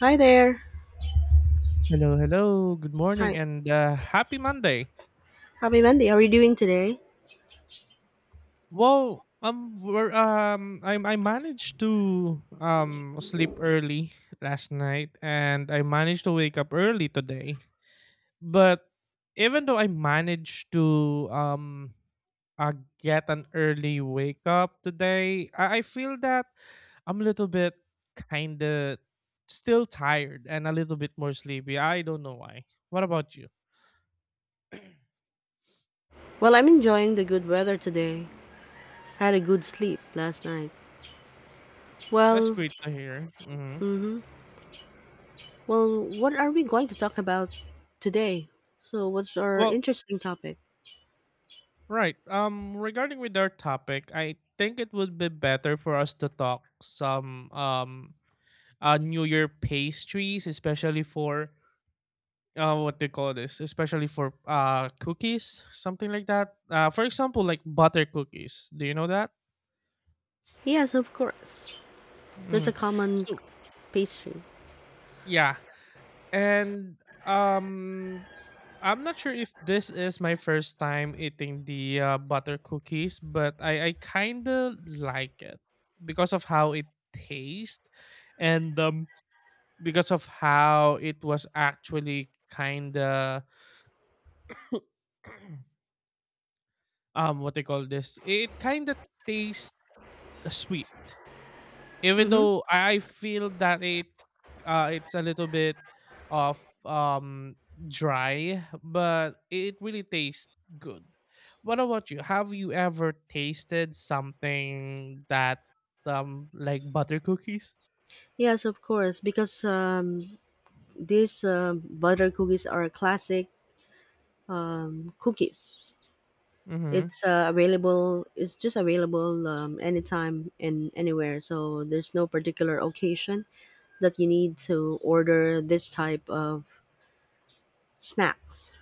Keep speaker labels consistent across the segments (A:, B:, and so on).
A: Hi there.
B: Hello, hello. Good morning
A: Hi.
B: and happy Monday.
A: Happy Monday. How are you doing today?
B: Well, we're, I managed to sleep early last night, and I managed to wake up early today. But even though I managed to uh, get an early wake up today, I feel that I'm a little bit kind of still tired and a little bit more sleepy. I don't know why. What about you?
A: Well, I'm enjoying the good weather today. Had a good sleep last night.
B: That's
A: Well,
B: great to hear. Hmm.
A: mm-hmm. Well, what are we going to talk about today? So, what's our
B: Well,
A: interesting topic?
B: right. Regarding with our topic, I think it would be better for us to talk some New Year pastries, especially for what they call this, especially for cookies, something like that. For example, like butter cookies. Do you know that?
A: Yes, of course. That's
B: Hmm.
A: a common
B: So
A: pastry.
B: yeah, and um I'm not sure if this is my first time eating the butter cookies, but I kind of like it because of how it tastes and because of how it was actually kind of what they call this. It kind of tastes sweet. Even
A: Mm-hmm.
B: though I feel that it it's a little bit of um dry, but it really tastes good. What about you? Have you ever tasted something that like butter cookies?
A: Yes, of course, because these butter cookies are classic cookies.
B: Mm-hmm.
A: It's available. It's just available anytime and anywhere. So there's no particular occasion that you need to order this type of snacks.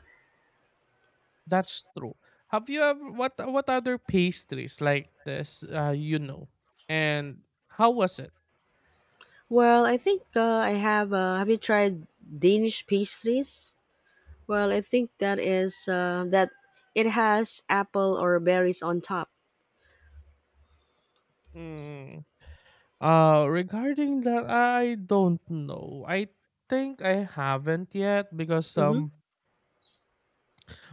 B: That's true. Have you ever what other pastries like this uh? And how was it?
A: Well, I think I have. Have you tried Danish pastries? Well, I think that is that it has apple or berries on top.
B: Mm. Regarding that I don't know. I think I haven't yet because
A: Mm-hmm.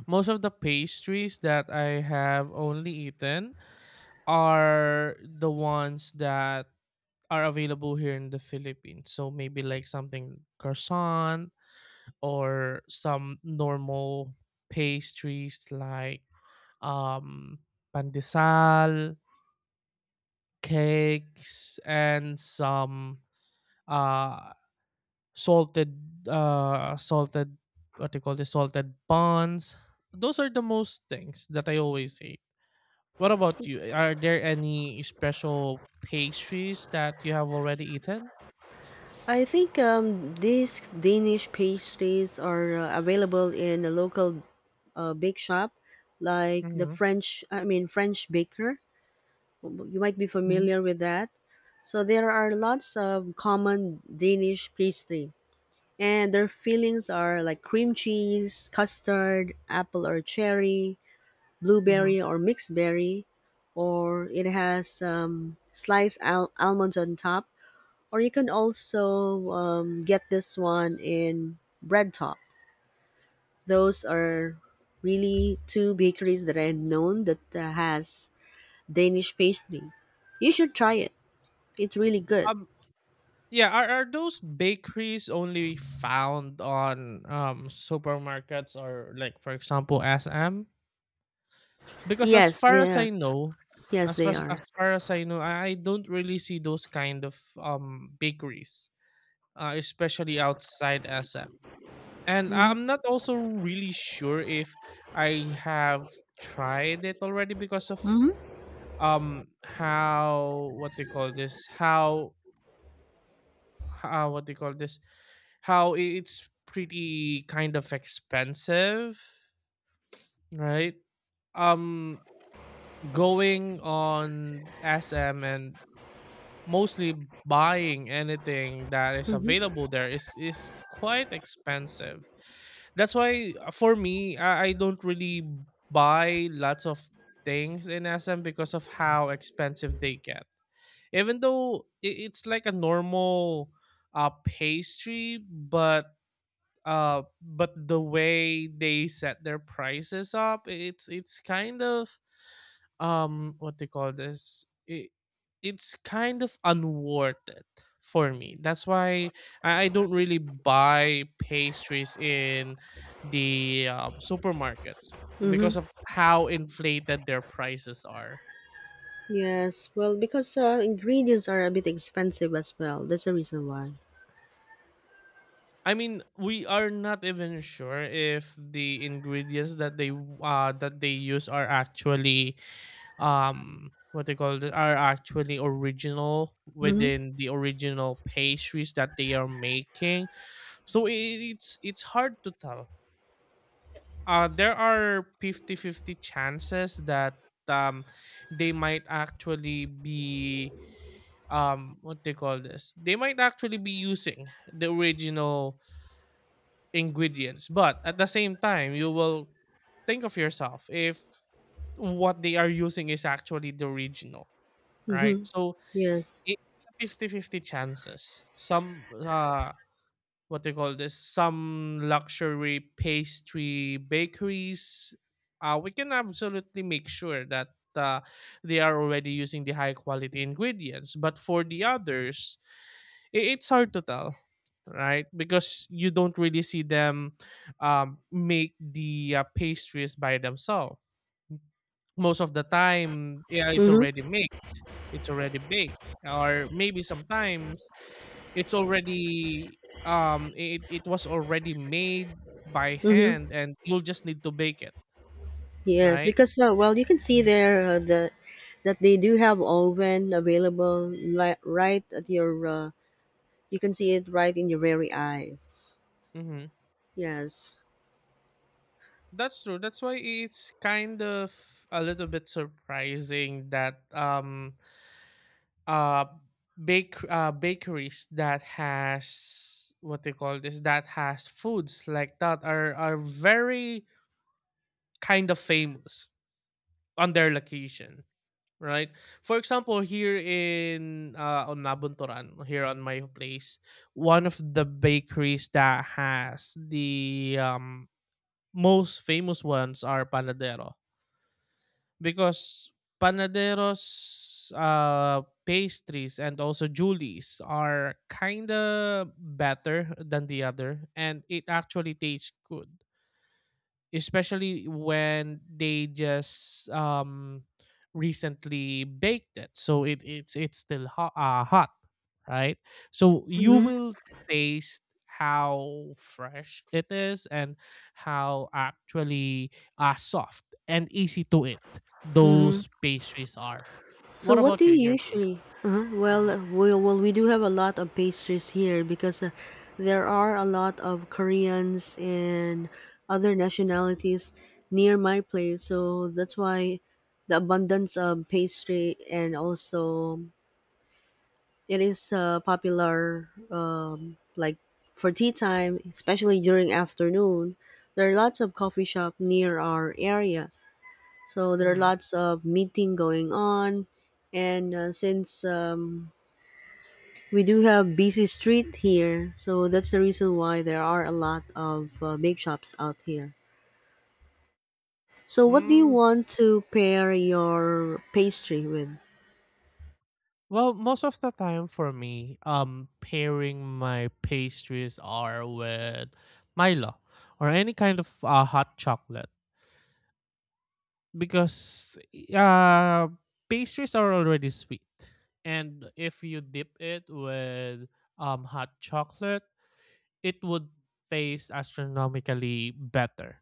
B: most of the pastries that I have only eaten are the ones that are available here in the Philippines. So maybe like something croissant or some normal pastries like um pandesal, cakes and some uh salted what do you call this salted buns. Those are the most things that I always eat. What about you? Are there any special pastries that you have already eaten?
A: I think these Danish pastries are available in a local bake shop, like the
B: Mm-hmm.
A: French, I mean, French baker. You might be
B: Mm-hmm.
A: familiar with that. So there are lots of common Danish pastry, and their fillings are like cream cheese, custard, apple or cherry,
B: Hmm.
A: blueberry or mixed berry, or it has sliced almonds on top or you can also get this one in Bread Talk. Those are really two bakeries that I've known that has Danish pastry. You should try it. It's really good.
B: Um, yeah, are those bakeries only found on supermarkets or like for example SM? Because as
A: Yes,
B: far
A: they
B: as
A: are.
B: I know,
A: Yes,
B: as far
A: they
B: as, as
A: are.
B: far as I know, I don't really see those kind of bakeries, especially outside SM. And
A: Mm-hmm.
B: I'm not also really sure if I have tried it already because of
A: Mm-hmm.
B: how what they call this how what they call this how I- it's pretty kind of expensive, right? Um, Going on SM and mostly buying anything that is
A: Mm-hmm.
B: available there is quite expensive. That's why for me I don't really buy lots of things in SM because of how expensive they get, even though I- it's like a normal pastry, but the way they set their prices up it's kind of what they call this it, it's kind of unwarranted for me. That's why I don't really buy pastries in the supermarkets because
A: Mm-hmm.
B: of how inflated their prices are.
A: Yes, well, because ingredients are a bit expensive as well. That's the reason why.
B: I mean, we are not even sure if the ingredients that they use are actually what they call it are actually original
A: Mm-hmm.
B: within the original pastries that they are making. So I- it's hard to tell. There are fifty-fifty chances that um, they might actually be what they call this. They might actually be using the original ingredients, but at the same time, you will think of yourself if what they are using is actually the original, right?
A: Mm-hmm.
B: So
A: Yes.
B: it's fifty-fifty chances. Some what they call this some luxury pastry bakeries, we can absolutely make sure that uh, they are already using the high quality ingredients, but for the others, I- it's hard to tell, right? Because you don't really see them make the pastries by themselves. Most of the time, yeah, it's already
A: Mm-hmm.
B: made, it's already baked, or maybe sometimes it's already it, it was already made by
A: Mm-hmm.
B: hand and you'll just need to bake it.
A: Yes,
B: Right.
A: because well, you can see
B: Mhm.
A: there the that they do have oven available right at your. You can see it right in your very eyes.
B: Mm-hmm.
A: Yes.
B: That's true. That's why it's kind of a little bit surprising that uh bakeries that has what they call this that has foods like that are very kind of famous on their location, right? For example, here in on Nabuntoran, here on my place, one of the bakeries that has the most famous ones are Panadero, because Panadero's pastries and also Julie's are kind of better than the other, and it actually tastes good especially when they just recently baked it, so it, it's still hot, hot, right? So you
A: Mhm.
B: will taste how fresh it is and how actually soft and easy to eat
A: Mhm.
B: those pastries are.
A: So
B: What
A: what do
B: about you in
A: you
B: your place?
A: usually? Uh-huh. Well,
B: Mm-hmm.
A: we do have a lot of pastries here because there are a lot of Koreans and other nationalities near my place. So that's why the abundance of pastry and also it is popular like for tea time, especially during afternoon. There are lots of coffee shop near our area, so there are
B: Mm-hmm.
A: lots of meeting going on. And since we do have busy street here, so that's the reason why there are a lot of bake shops out here. So, what do you
B: Mm.
A: want to pair your pastry with?
B: Well, most of the time for me, pairing my pastries are with Milo or any kind of hot chocolate, because uh, pastries are already sweet, and if you dip it with hot chocolate, it would taste astronomically better.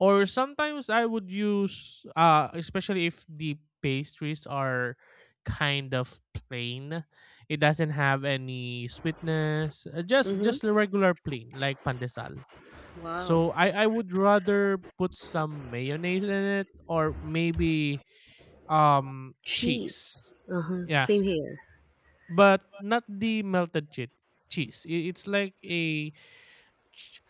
B: Or sometimes I would use especially if the pastries are kind of plain. It doesn't have any sweetness.
A: Mm-hmm.
B: Just the regular plain like pandesal.
A: Wow.
B: So I would rather put some mayonnaise in it or maybe cheese.
A: Cheese. Uh huh. Same
B: Yes.
A: here.
B: But not the melted cheese. Cheese. It's like a ch-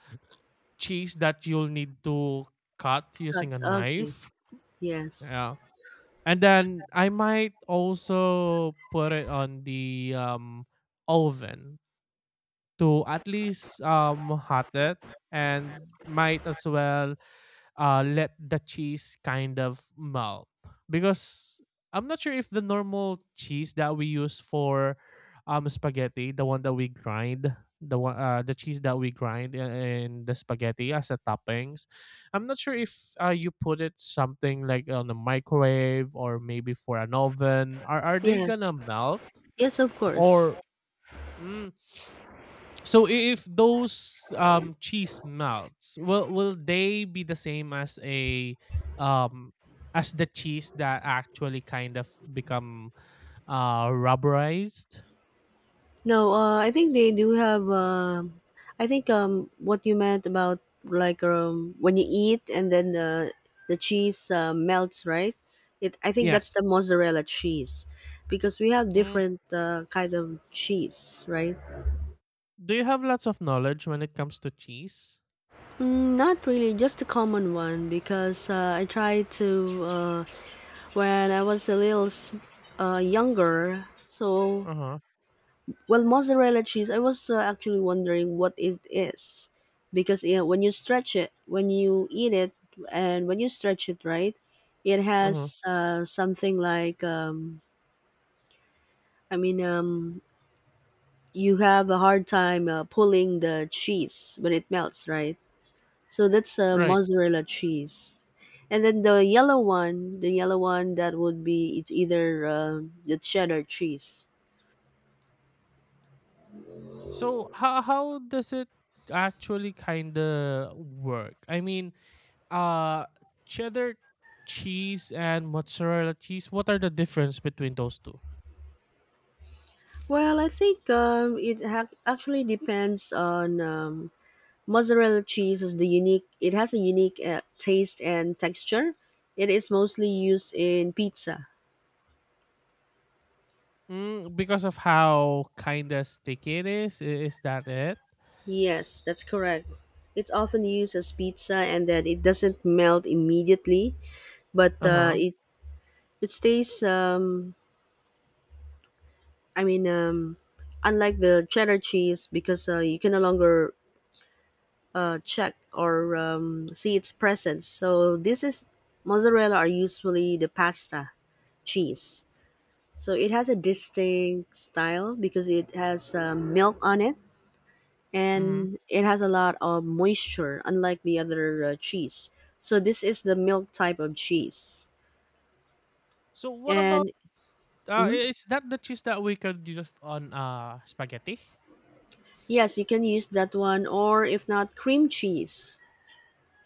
B: cheese that you'll need to cut
A: Cut.
B: using a
A: Okay.
B: knife.
A: Yes.
B: Yeah. And then I might also put it on the oven to at least hot it and might as well let the cheese kind of melt, because I'm not sure if the normal cheese that we use for spaghetti, the one that we grind, the cheese that we grind in the spaghetti as a toppings, I'm not sure if you put it something like on the microwave or maybe for an oven. Are they
A: Yes.
B: gonna melt
A: Yes, of course.
B: or? Mm, so I- if those cheese melts, will they be the same as a um, as the cheese that actually kind of become rubberized?
A: No, I think they do have. I think what you meant about like when you eat and then the cheese melts, right? It. I think that's the
B: Yes.
A: mozzarella cheese, because we have
B: Mm.
A: different kind of cheese, right?
B: Do you have lots of knowledge when it comes to cheese?
A: Mm, not really, just a common one because I tried to uh, when I was a little younger, so
B: Uh huh.
A: well, mozzarella cheese, I was actually wondering what it is. Because yeah, when you stretch it, when you eat it, and when you stretch it, right, it
B: Uh huh.
A: has something like, I mean, you have a hard time pulling the cheese when it melts, right? So that's
B: Right.
A: mozzarella cheese. And then the yellow one that would be, it's either the cheddar cheese.
B: So how does it actually kind of work? I mean, uh, cheddar cheese and mozzarella cheese. What are the difference between those two?
A: Well, I think it actually depends on mozzarella cheese is the unique. It has a unique taste and texture. It is mostly used in pizza.
B: Mm, because of how kinda sticky it is? I is that it?
A: Yes, that's correct. It's often used as pizza, and then it doesn't melt immediately, but uh,
B: Uh-huh.
A: it it stays. I mean, unlike the cheddar cheese, because you can no longer check or see its presence. So this is mozzarella are usually the pasta cheese. So it has a distinct style because it has milk on it
B: Mhm.
A: and it has a lot of moisture, unlike the other cheese. So this is the milk type of cheese,
B: So what about
A: and mhm.
B: I is that the cheese that we can use on, spaghetti?
A: Yes, you can use that one, or if not, cream cheese,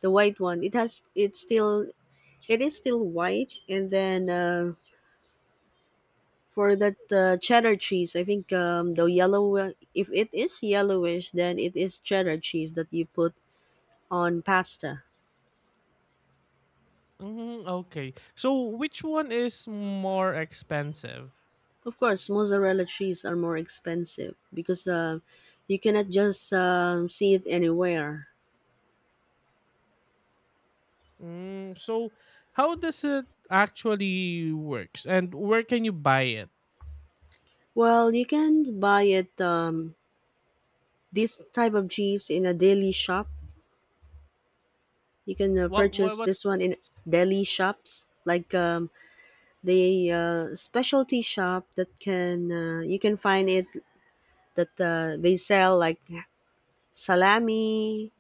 A: the white one. It has it is still white, and then. For that cheddar cheese, I think the yellow, if it is yellowish, then it is cheddar cheese that you put on pasta.
B: Mhm, okay. So which one is more expensive?
A: Of course, mozzarella cheese are more expensive because you cannot just see it anywhere.
B: Mm, so how does it actually works and where can you buy it?
A: Well, you can buy it, this type of cheese in a daily shop. You can purchase
B: What's
A: this one in deli shops, like the specialty shop that can, you can find it that they sell like salami,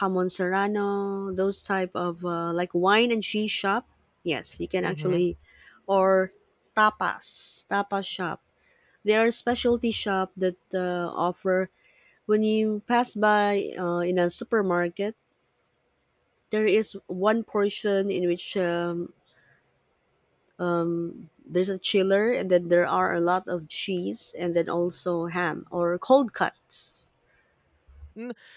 A: hamon serrano, those type of like wine and cheese shop. Yes, you can
B: hmm.
A: actually, or tapas, tapas shop. They are a specialty shop that offer when you pass by in a supermarket. There is one portion in which there's a chiller, and then there are a lot of cheese, and then also ham or cold cuts.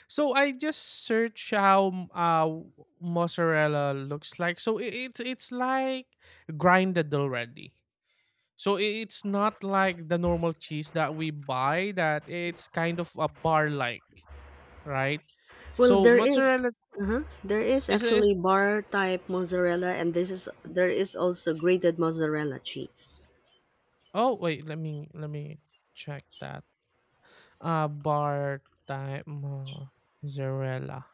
B: So I just search how mozzarella looks like. So it, it's like grinded already. So I- it's not like the normal cheese that we buy that it's kind of a bar like, right?
A: Well,
B: So
A: there is.
B: mozzarella
A: Uh-huh. There is
B: is
A: actually bar type mozzarella, and this is there is also grated mozzarella cheese.
B: oh wait, let me check that. Bar time mozzarella,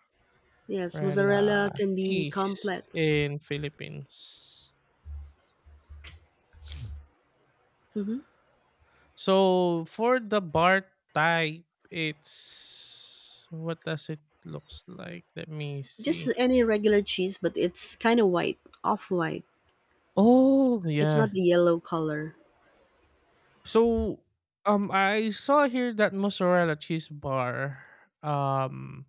A: Yes,
B: mozzarella
A: mozzarella can be
B: cheese
A: complex.
B: in Philippines.
A: Hmm.
B: So for the bar type, it's what does it looks like? Let me
A: Just
B: see.
A: any regular cheese, but it's kind of white, off white.
B: Oh
A: It's not
B: yeah.
A: the yellow color.
B: So I saw here that mozzarella cheese bar um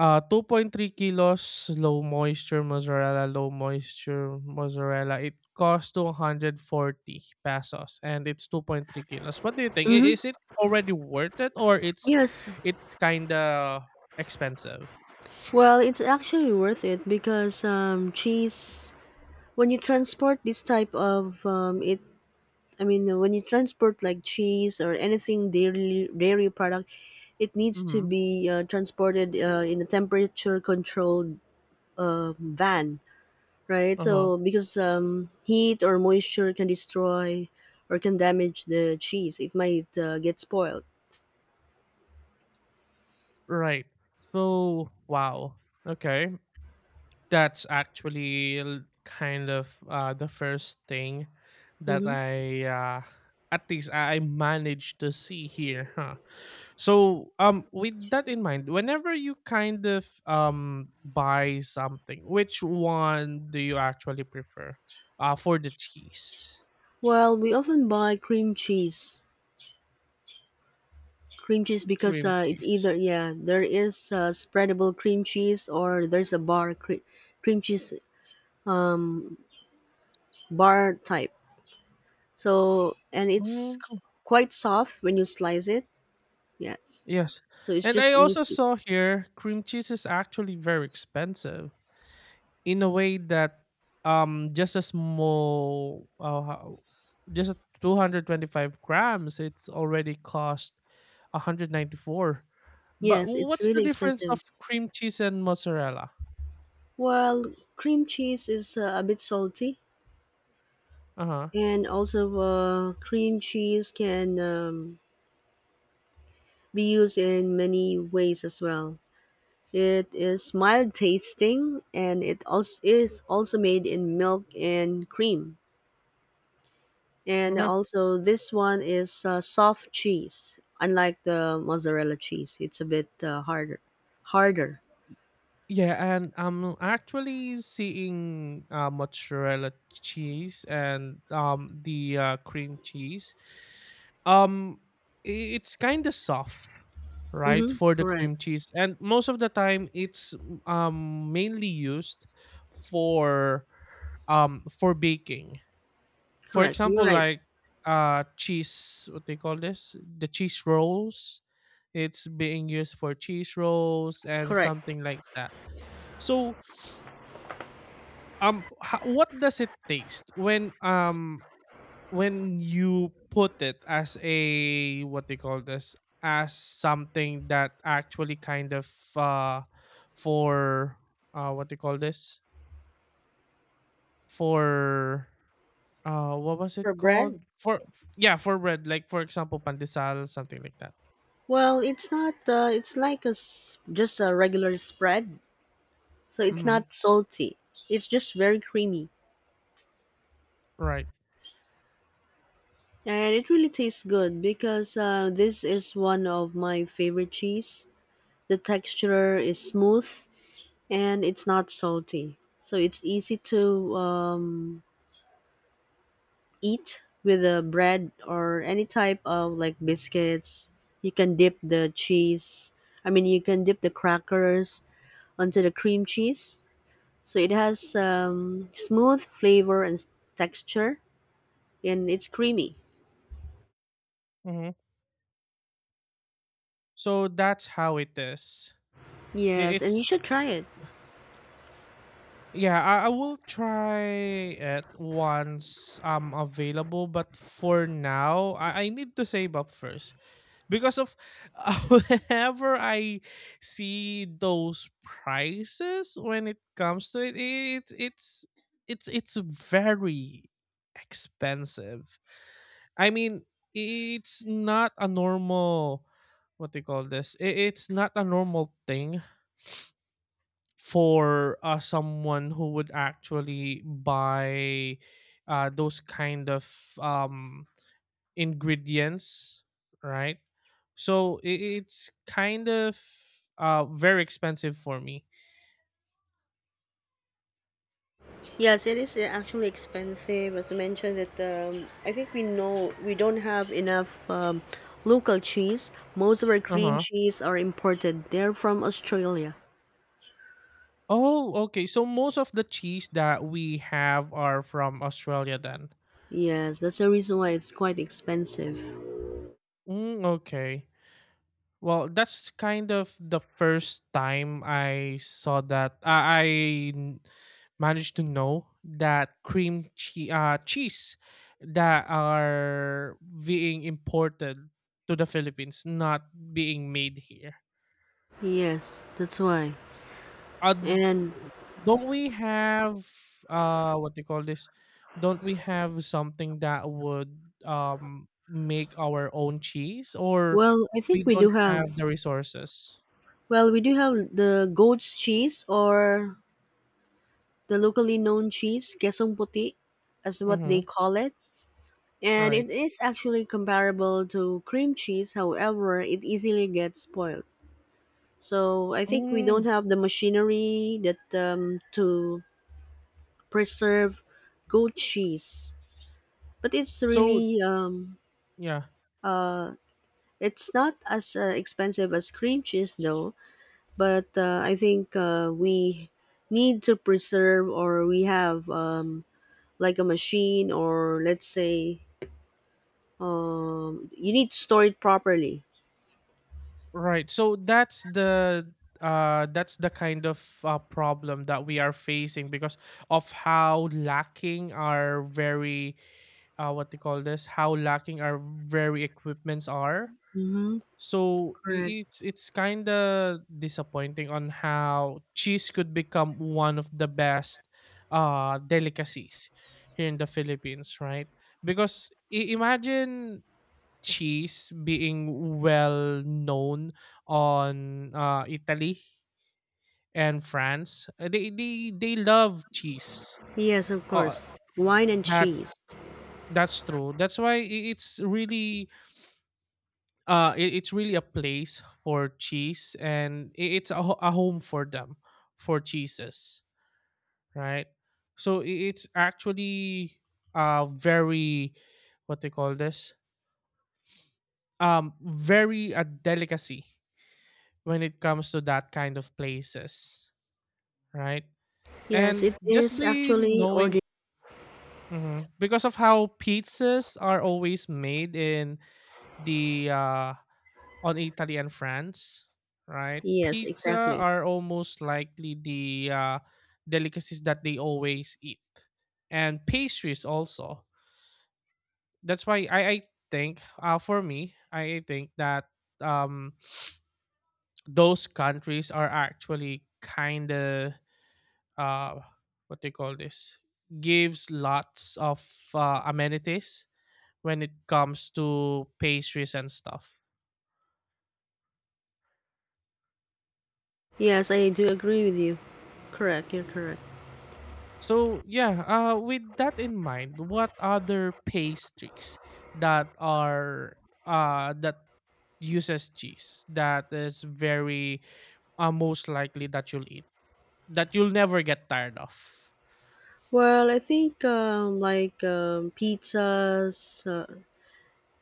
B: 2.3 kilos low moisture mozzarella, low moisture mozzarella. It costs 240 pesos and it's 2.3 kilos. What do you think? I-
A: Mm-hmm.
B: Is it already worth it or
A: Yes.
B: it's kind of expensive?
A: Well, it's actually worth it because cheese. When you transport this type of it I mean, when you transport like cheese or anything dairy product, it needs to
B: Mhm.
A: be transported in a temperature controlled van, right?
B: Uh-huh.
A: So because heat or moisture can destroy or can damage the cheese, it might get spoiled.
B: Right. So, wow. Okay. That's actually kind of the first thing that
A: Hmm.
B: at least I managed to see here, huh? So, with that in mind, whenever you kind of buy something, which one do you actually prefer? For the cheese,
A: Well, we often buy cream cheese. Cream cheese because
B: cream
A: it's
B: cheese.
A: either yeah there is spreadable cream cheese or there's a cream cheese bar type. So, and it's
B: Mm,
A: quite soft when you slice it. Yes.
B: yes.
A: So it's
B: And I
A: just
B: also
A: easy.
B: saw here cream cheese is actually very expensive, in a way that just a small just a 225 grams it's already cost 194. But
A: Yes, it's
B: what's the
A: really
B: difference
A: expensive.
B: of cream cheese and mozzarella?
A: Well, cream cheese is a bit salty,
B: Uh-huh.
A: and also cream cheese can be used in many ways as well. It is mild tasting, and it also is also made in milk and cream. And
B: Uh-huh.
A: also, this one is soft cheese, unlike the mozzarella cheese. It's a bit harder. Harder.
B: Yeah, and I'm actually seeing mozzarella cheese and the cream cheese. um I- It's kind of soft, right,
A: Mm-hmm.
B: for the
A: Correct.
B: cream cheese, and most of the time it's mainly used for for baking, for
A: Correct. You're
B: example
A: right.
B: like cheese what they call this the cheese rolls. It's being used for cheese rolls and
A: Correct.
B: something like that. So what does it taste when you put it as a what they call this, as something that actually kind of uh for what they call this for what was
A: For
B: it
A: bread?
B: called for? Yeah, for bread like for example pandesal something like that.
A: Well, it's not. It's like just a regular spread, so it's
B: Mm-hmm.
A: not salty. It's just very creamy,
B: Right.
A: and it really tastes good because this is one of my favorite cheese. The texture is smooth and it's not salty, so it's easy to eat with the bread or any type of like biscuits. You can dip the cheese. I mean, you can dip the crackers onto the cream cheese. So it has smooth flavor and texture, and it's creamy.
B: Hmm. So that's how it is. I-
A: Yes, and you
B: It's
A: should try it.
B: yeah. I will try it once I'm available, but for now, I need to save up first, because of whenever I see those prices when it comes to it, it's very expensive. I mean, it's not a normal what do you call this? I- It's not a normal thing for someone who would actually buy those kind of um ingredients, right? So I it's kind of very expensive for me.
A: Yes, it is actually expensive. As I mentioned, that I think we know we don't have enough local cheese. Most of our cream
B: Uh-huh.
A: cheese are imported. They're from Australia.
B: Oh, okay. So most of the cheese that we have are from Australia then.
A: Yes, that's the reason why it's quite expensive.
B: Mm, okay. Well, that's kind of the first time I saw that. I n- managed to know that cheese that are being imported to the Philippines, not being made here.
A: Yes, that's why.
B: Uh, d-
A: And
B: don't we have what do you call this? Don't we have something that would make our own cheese, or
A: well, I think
B: we
A: we do
B: don't
A: have
B: have the resources?
A: well, we do have the goat's cheese or the locally known cheese, kesong puti, as what
B: Mm-hmm.
A: they call it. And
B: Right.
A: it is actually comparable to cream cheese, however, it easily gets spoiled. So I think we
B: Mm,
A: don't have the machinery that to preserve goat cheese. But it's
B: so
A: really
B: yeah,
A: uh, it's not as expensive as cream cheese though, but I think we need to preserve or we have like a machine or let's say you need to store it properly.
B: right. So that's the kind of problem that we are facing because of how lacking our very what they call this, how lacking our very equipments are.
A: Mm-hmm,
B: So
A: correct.
B: i- it's it's kind of disappointing on how cheese could become one of the best delicacies here in the Philippines, right? Because imagine cheese being well known on Italy and France. They they love cheese.
A: Yes, of
B: Uh,
A: course. Wine and
B: that
A: cheese.
B: that's true. That's why it's really it's really a place for cheese, and it's a, a home for them for cheeses, right? So i- it's actually very what they call this, very a delicacy when it comes to that kind of places, right?
A: Yes,
B: And
A: it
B: just
A: is
B: by
A: actually
B: knowing,
A: ordinary.
B: mhm, because of how pizzas are always made in the on Italy and France, right?
A: Yes,
B: Pizza
A: exactly.
B: are almost likely the delicacies that they always eat, and pastries also. That's why I think for me, I think that um, those countries are actually kind of uh what they call this, gives lots of amenities when it comes to pastries and stuff,
A: Yes, I do
B: so,
A: agree with you. Correct, you're correct.
B: so yeah, with that in mind, what other pastries that are that uses cheese that is very most likely that you'll eat, that you'll never get tired of.
A: Well, I think like pizzas,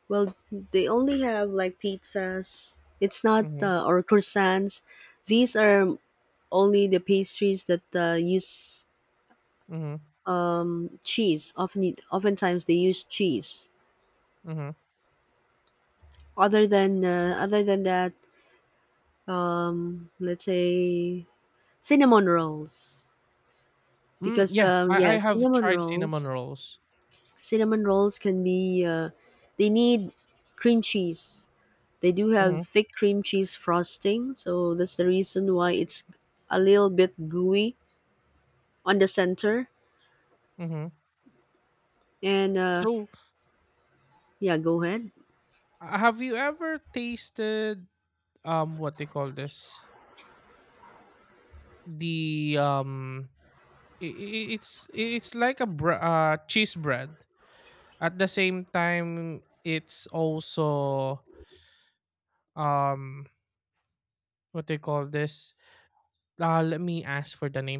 A: well, they only have like pizzas. It's not
B: Mhm,
A: or croissants. These are only the pastries that use
B: mhm,
A: cheese. Often, oftentimes they use cheese.
B: mhm.
A: Other than that, let's say cinnamon rolls.
B: Mm,
A: Because
B: yeah, I
A: yeah,
B: I have
A: cinnamon
B: tried cinnamon
A: rolls.
B: rolls.
A: Cinnamon rolls can be. They need cream cheese. They do have
B: Mhm,
A: thick cream cheese frosting, so that's the reason why it's a little bit gooey on the center.
B: mhm.
A: And
B: So,
A: yeah, go ahead.
B: have you ever tasted what they call this? The it's like a cheese bread. At the same time, it's also um what they call this, let me ask for the name.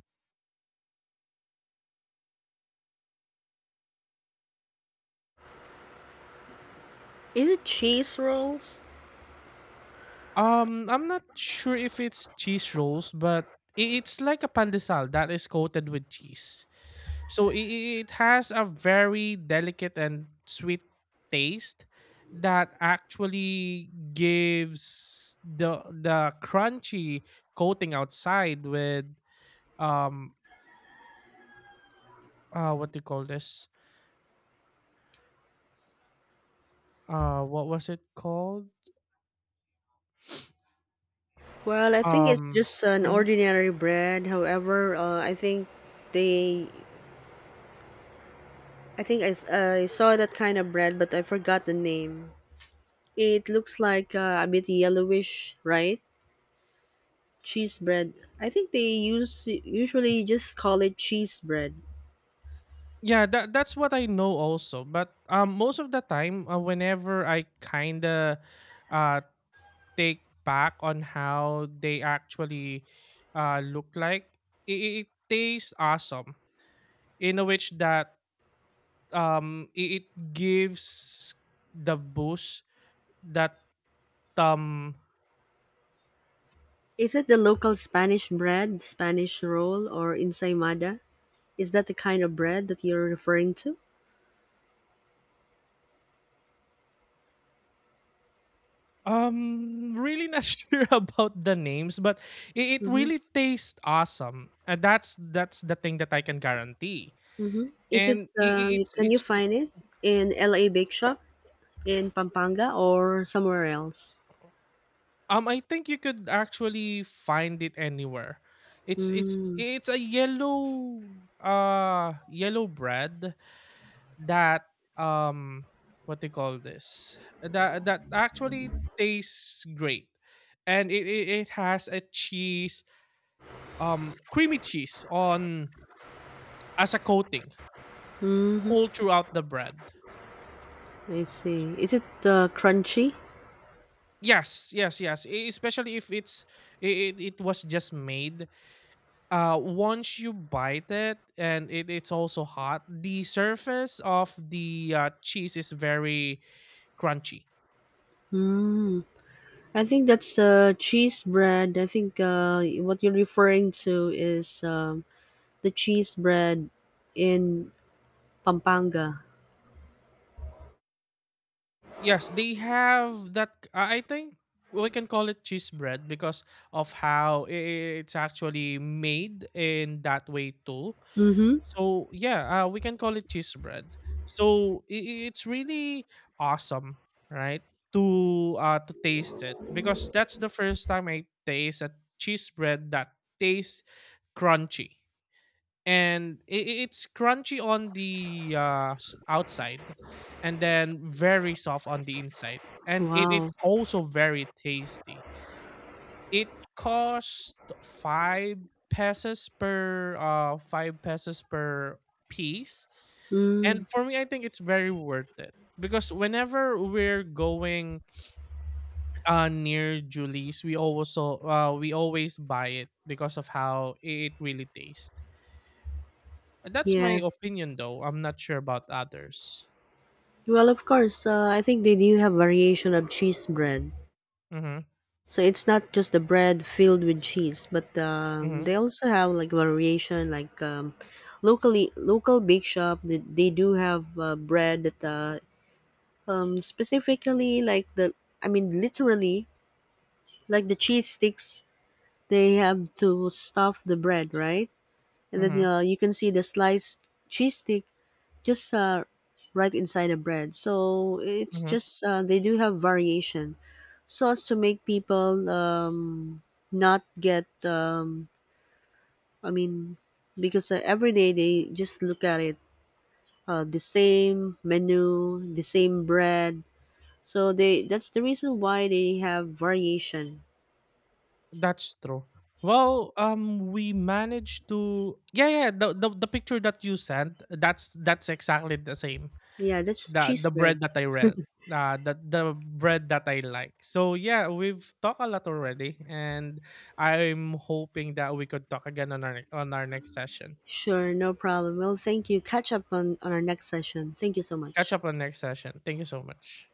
A: Is it cheese rolls?
B: I'm not sure if it's cheese rolls, but it's like a pandesal that is coated with cheese, so it has a very delicate and sweet taste that actually gives the crunchy coating outside with um what do you call this, what was it called,
A: Well, I think it's
B: um
A: just an
B: mm,
A: ordinary bread. However, I think they, I think I saw that kind of bread, but I forgot the name. It looks like a bit yellowish, right? Cheese bread. I think they use usually just call it cheese bread.
B: yeah, that that's what I know also. But most of the time, whenever I kind of uh take back on how they actually look like, it tastes awesome in a which that it, it gives the boost that um
A: Is it the local Spanish bread, Spanish roll, or ensaymada? Is that the kind of bread that you're referring to?
B: um, really not sure about the names, but it
A: Mm-hmm.
B: really tastes awesome. That's the thing that I can guarantee.
A: Mm-hmm. Is it?
B: And
A: Can you
B: it's
A: find it in LA Bake Shop in Pampanga or somewhere else?
B: I think you could actually find it anywhere. It's
A: Mm.
B: it's a yellow yellow bread that um what they call this, that actually tastes great, and it has a cheese, creamy cheese on as a coating
A: Mm-hmm.
B: all throughout the bread.
A: I see. Is it crunchy?
B: Yes, yes, yes. Especially if it's, it was just made. Once you bite it and it, it's also hot, the surface of the cheese is very crunchy.
A: Mm. I think that's cheese bread. I think what you're referring to is the cheese bread in Pampanga.
B: Yes, they have that. I think we can call it cheese bread because of how it's actually made in that way too.
A: Mm-hmm.
B: So yeah, we can call it cheese bread. It's really awesome, right? To taste it, because that's the first time I taste a cheese bread that tastes crunchy, and it's crunchy on the outside, and then very soft on the inside, and
A: Wow.
B: it's also very tasty. It cost 5 pesos per 5 pesos per piece.
A: Mm,
B: And for me, I think it's very worth it, because whenever we're going near Julie's, we also we always buy it because of how it really tastes. That's my
A: yes.
B: opinion, though. I'm not sure about others.
A: Well, of course, I think they do have variation of cheese bread.
B: Mm-hmm.
A: So it's not just the bread filled with cheese, but
B: Mm-hmm.
A: they also have like variation, like locally local bake shop. They do have bread that specifically like the I mean literally like the cheese sticks. They have to stuff the bread, right? And then
B: Mm-hmm.
A: you can see the sliced cheese stick just right inside the bread. So it's
B: Mm-hmm.
A: just they do have variation, so as to make people not get. I mean, because every day they just look at it the same menu, the same bread. So they that's the reason why they have variation.
B: That's true. Well, we managed to, yeah, yeah, the picture that you sent, that's exactly the same,
A: Yeah, that's cheese
B: the
A: bread.
B: bread that I read, the bread that I like. So yeah, we've talked a lot already, and I'm hoping that we could talk again on our next session.
A: Sure, no problem. Well, thank you. Catch up on our next session. Thank you so
B: Catch
A: much.
B: up on next session. Thank you so much.